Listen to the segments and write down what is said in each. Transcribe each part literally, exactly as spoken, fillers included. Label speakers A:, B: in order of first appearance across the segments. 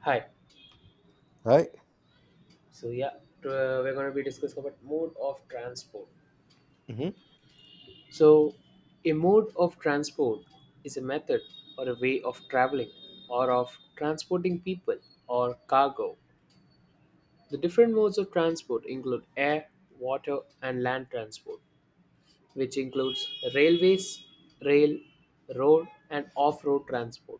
A: Hi.
B: Right?
A: So yeah, t- uh, we're going to be discussing about mode of transport.
B: Hmm.
A: So, a mode of transport is a method or a way of traveling or of transporting people or cargo. The different modes of transport include air, water, and land transport, which includes railways, rail, road, and off-road transport.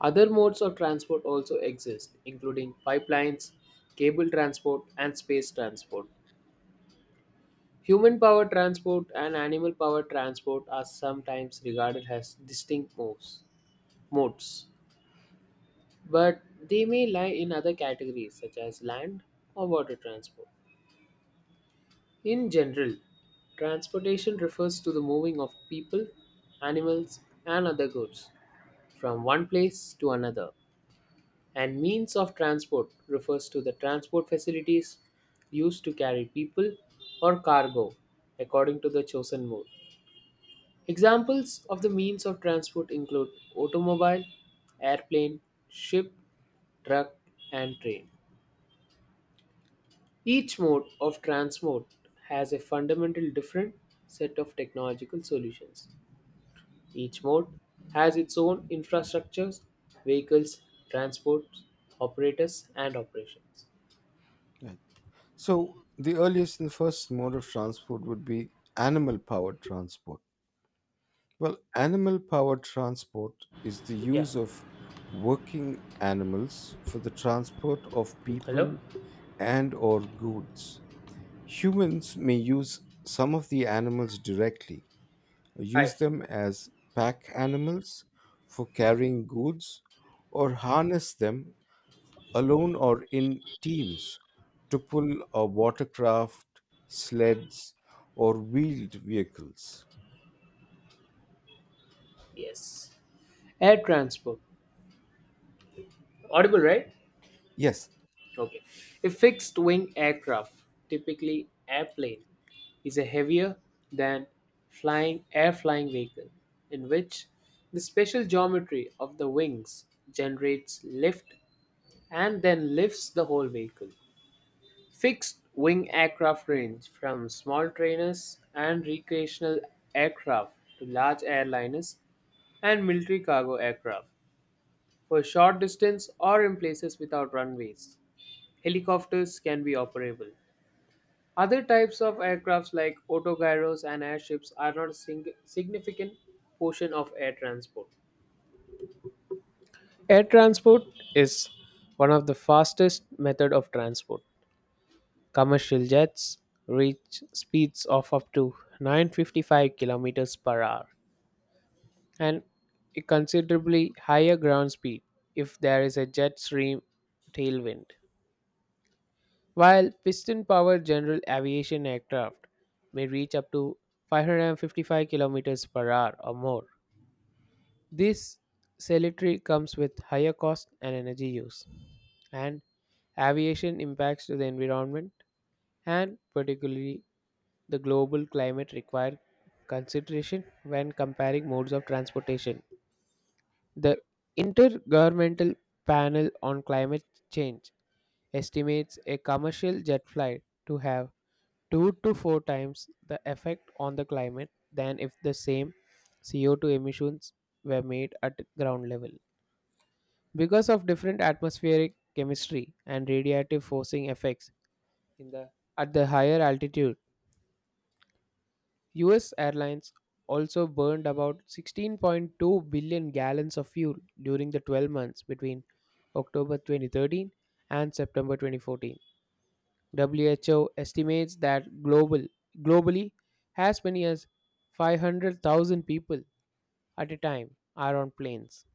A: Other modes of transport also exist, including pipelines, cable transport, and space transport. Human powered transport and animal powered transport are sometimes regarded as distinct modes, modes, but they may lie in other categories such as land or water transport. In general, transportation refers to the moving of people, animals, and other goods from one place to another, and means of transport refers to the transport facilities used to carry people or cargo according to the chosen mode. Examples of the means of transport include automobile, airplane, ship, truck, and train. Each mode of transport has a fundamental different set of technological solutions. Each mode has its own infrastructures, vehicles, transport, operators, and operations.
B: Right. So the earliest and first mode of transport would be animal powered transport. Well, animal powered transport is the
A: Yeah.
B: use of working animals for the transport of
A: Hello?
B: people and or goods. Humans may use some of the animals directly, use
A: Hi.
B: them as pack animals for carrying goods or harness them alone or in teams, to pull a watercraft, sleds, or wheeled vehicles.
A: Yes. Air transport. Audible, right?
B: Yes,
A: Okay. A fixed wing aircraft, typically airplane, is a heavier than flying air flying vehicle in which the special geometry of the wings generates lift and then lifts the whole vehicle. Fixed wing aircraft range from small trainers and recreational aircraft to large airliners and military cargo aircraft for short distance or in places without runways. Helicopters can be operable. Other types of aircrafts like autogyros and airships are not a sing- significant portion of air transport. Air transport is one of the fastest method of transport. Commercial jets reach speeds of up to nine hundred fifty-five kilometers per hour and a considerably higher ground speed if there is a jet stream tailwind. While piston powered general aviation aircraft may reach up to five hundred fifty-five kilometers per hour or more, this cemetery comes with higher cost and energy use, and aviation impacts to the environment and particularly the global climate require consideration when comparing modes of transportation. The Intergovernmental Panel on Climate Change estimates a commercial jet flight to have two to four times the effect on the climate than if the same C O two emissions were made at ground level. Because of different atmospheric chemistry and radiative forcing effects in the at the higher altitude, U S airlines also burned about sixteen point two billion gallons of fuel during the twelve months between October twenty thirteen and September twenty fourteen. W H O estimates that global globally as many as five hundred thousand people at a time are on planes.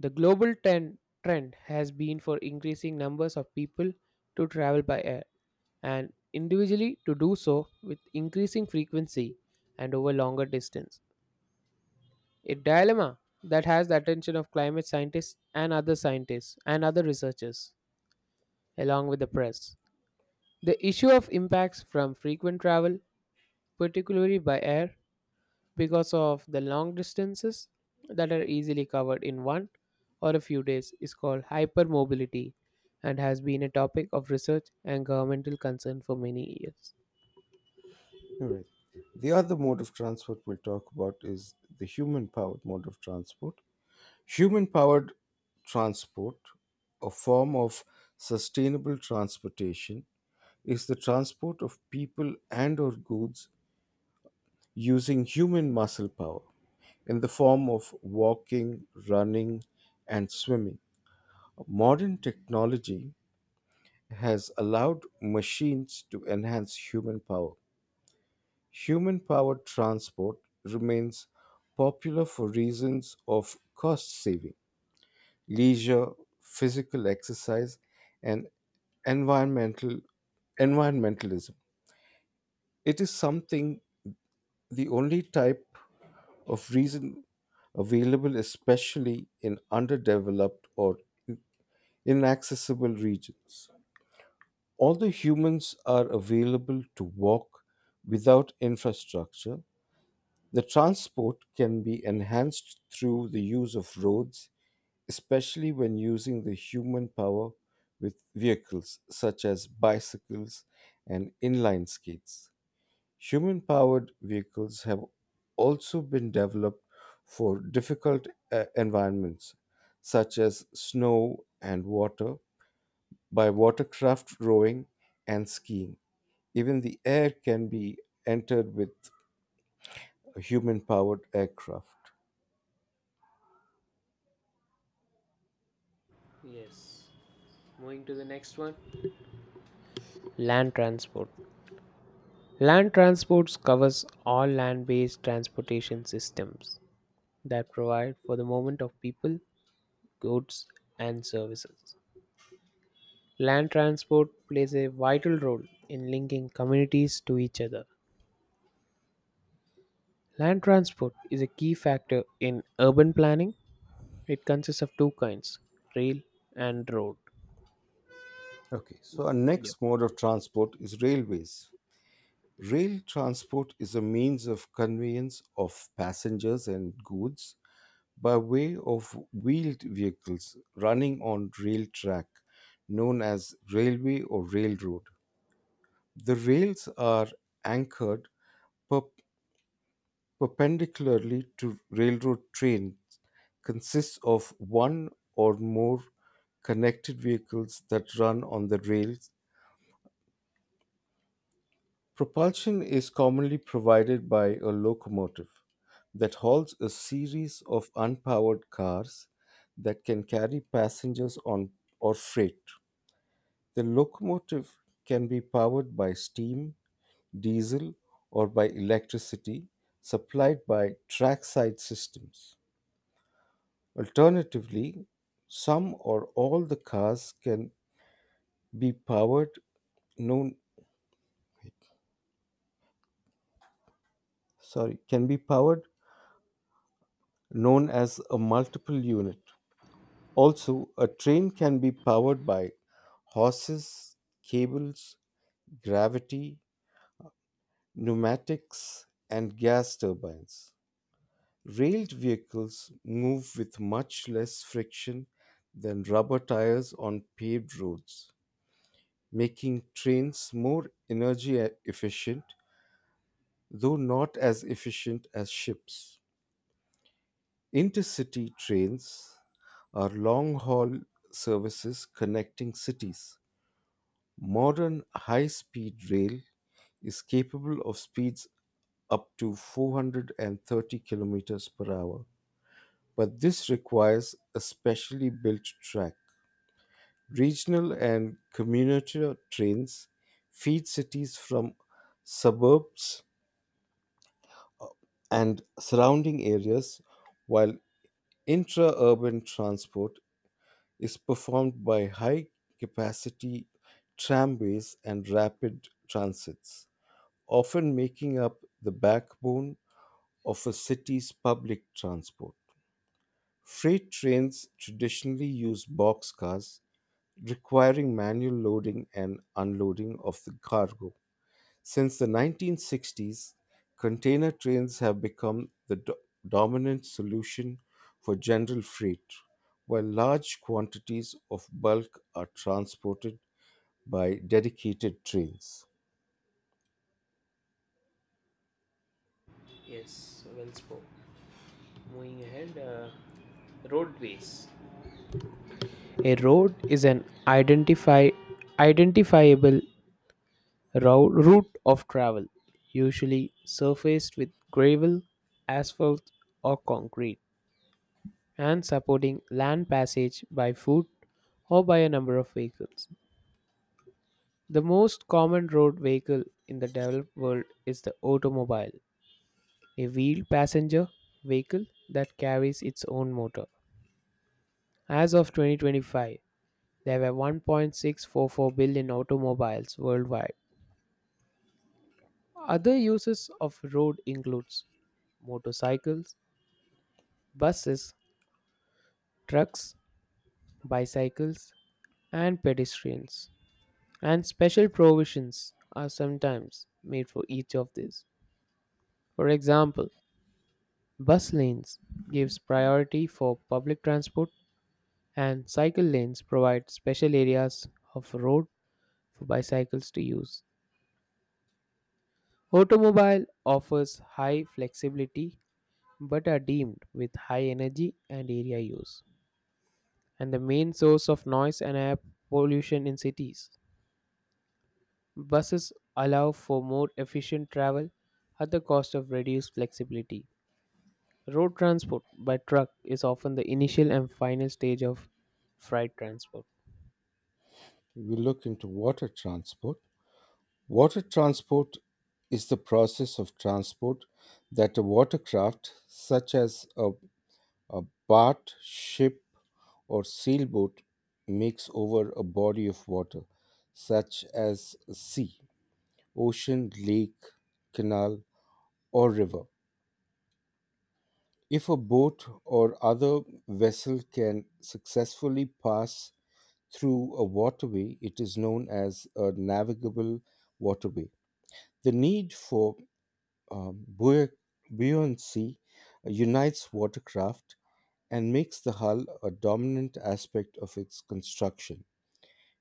A: The global ten- trend has been for increasing numbers of people to travel by air and individually to do so with increasing frequency and over longer distance. A dilemma that has the attention of climate scientists and other scientists and other researchers along with the press. The issue of impacts from frequent travel, particularly by air, because of the long distances that are easily covered in one or a few days, is called hypermobility and has been a topic of research and governmental concern for many years.
B: you're right. The other mode of transport we'll talk about is the human powered mode of transport. Human powered transport, a form of sustainable transportation, is the transport of people and or goods using human muscle power in the form of walking, running, and swimming. Modern technology has allowed machines to enhance human power. Human powered transport remains popular for reasons of cost saving, leisure, physical exercise, and environmental environmentalism. It is something the only type of reason available especially in underdeveloped or inaccessible regions. All the humans are available to walk without infrastructure. The transport can be enhanced through the use of roads, especially when using the human power with vehicles such as bicycles and inline skates. Human powered vehicles have also been developed for difficult uh, environments such as snow and water by watercraft rowing and skiing. Even the air can be entered with human powered aircraft.
A: Yes. Moving to the next one. Land transport. Land transports covers all land-based transportation systems that provide for the movement of people, goods, and services. Land transport plays a vital role in linking communities to each other. Land transport is a key factor in urban planning. It consists of two kinds, rail and road.
B: Okay, so our
A: Yep.
B: next mode of transport is railways. Rail transport is a means of conveyance of passengers and goods by way of wheeled vehicles running on rail track, known as railway or railroad. The rails are anchored per. Perpendicularly to railroad trains consists of one or more connected vehicles that run on the rails. Propulsion is commonly provided by a locomotive that hauls a series of unpowered cars that can carry passengers on or freight. The locomotive can be powered by steam, diesel, or by electricity supplied by trackside systems. Alternatively, some or all the cars can be powered known sorry can be powered known as a multiple unit. Also, a train can be powered by horses, cables, gravity, pneumatics, and gas turbines. Railed vehicles move with much less friction than rubber tires on paved roads, making trains more energy e- efficient though not as efficient as ships. Intercity trains are long haul services connecting cities. Modern high speed rail is capable of speeds up to four hundred thirty kilometers per hour, but this requires a specially built track. Regional and commuter trains feed cities from suburbs and surrounding areas, while intra-urban transport is performed by high-capacity tramways and rapid transits, often making up the backbone of a city's public transport. Freight trains traditionally use boxcars, requiring manual loading and unloading of the cargo. Since the nineteen sixties, container trains have become the do- dominant solution for general freight, while large quantities of bulk are transported by dedicated trains.
A: Yes, well spoken. Moving ahead, uh, roadways. A road is an identify, identifiable rou- route of travel, usually surfaced with gravel, asphalt, or concrete, and supporting land passage by foot or by a number of vehicles. The most common road vehicle in the developed world is the automobile, a wheeled passenger vehicle that carries its own motor. As of twenty twenty-five, there were one point six four four billion automobiles worldwide. Other uses of road includes motorcycles, buses, trucks, bicycles, and pedestrians. And special provisions are sometimes made for each of these. For example, bus lanes gives priority for public transport, and cycle lanes provide special areas of road for bicycles to use. Automobile offers high flexibility but are deemed with high energy and area use, and the main source of noise and air pollution in cities. Buses allow for more efficient travel at the cost of reduced flexibility. Road transport by truck is often the initial and final stage of freight transport.
B: We look into water transport. Water transport is the process of transport that a watercraft, such as a A bark, ship, or sailboat makes over a body of water, such as a sea, ocean, lake, canal, or river. If a boat or other vessel can successfully pass through a waterway, it is known as a navigable waterway. The need for um, buoy- buoyancy unites watercraft and makes the hull a dominant aspect of its construction,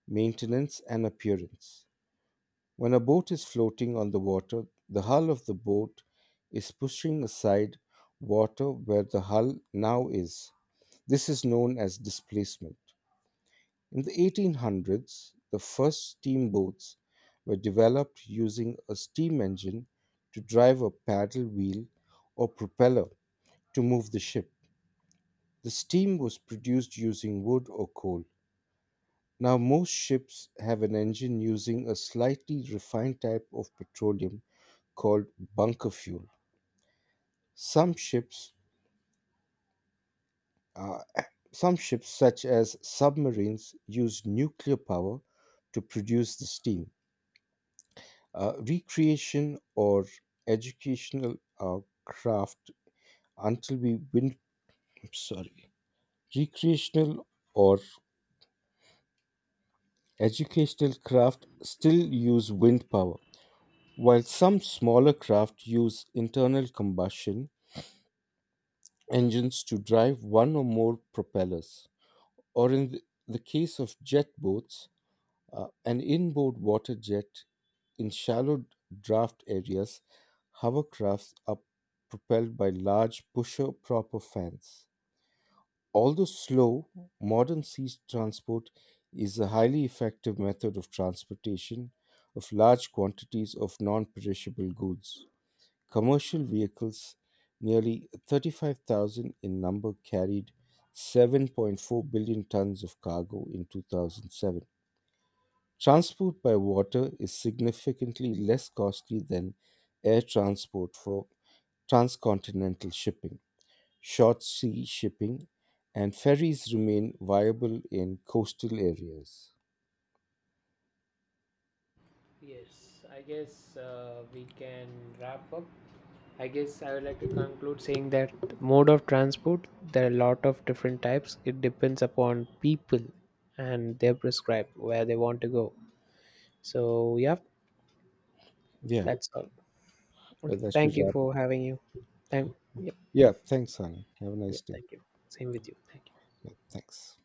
B: maintenance, and appearance. When a boat is floating on the water, the hull of the boat is pushing aside water where the hull now is. This is known as displacement. In the eighteen hundreds, the first steamboats were developed using a steam engine to drive a paddle wheel or propeller to move the ship. The steam was produced using wood or coal. Now, most ships have an engine using a slightly refined type of petroleum called bunker fuel. Some ships, uh, some ships such as submarines, use nuclear power to produce the steam. Uh, recreation or educational uh, craft until we win. I'm sorry, Recreational or educational craft still use wind power. While some smaller craft use internal combustion engines to drive one or more propellers, or in th- the case of jet boats, uh, an inboard water jet in shallow draft areas, hovercrafts are propelled by large pusher proper fans. Although slow, modern sea transport is a highly effective method of transportation of large quantities of non perishable goods. Commercial vehicles, nearly thirty-five thousand in number, carried seven point four billion tons of cargo in two thousand seven. Transport by water is significantly less costly than air transport for transcontinental shipping, short sea shipping, and ferries remain viable in coastal areas.
A: Yes, I guess uh, we can wrap up. I guess I would like to conclude saying that mode of transport, there are a lot of different types. It depends upon people and they're prescribed where they want to go. So, yeah,
B: Yeah,
A: that's all.
B: yeah
A: Okay,
B: that should
A: thank you
B: wrap it
A: for
B: up.
A: having you. Thank, yeah.
B: Yeah, thanks, Anna. Have a
A: Yeah,
B: nice day.
A: thank you. Same with you. Thank you.
B: Yeah, thanks.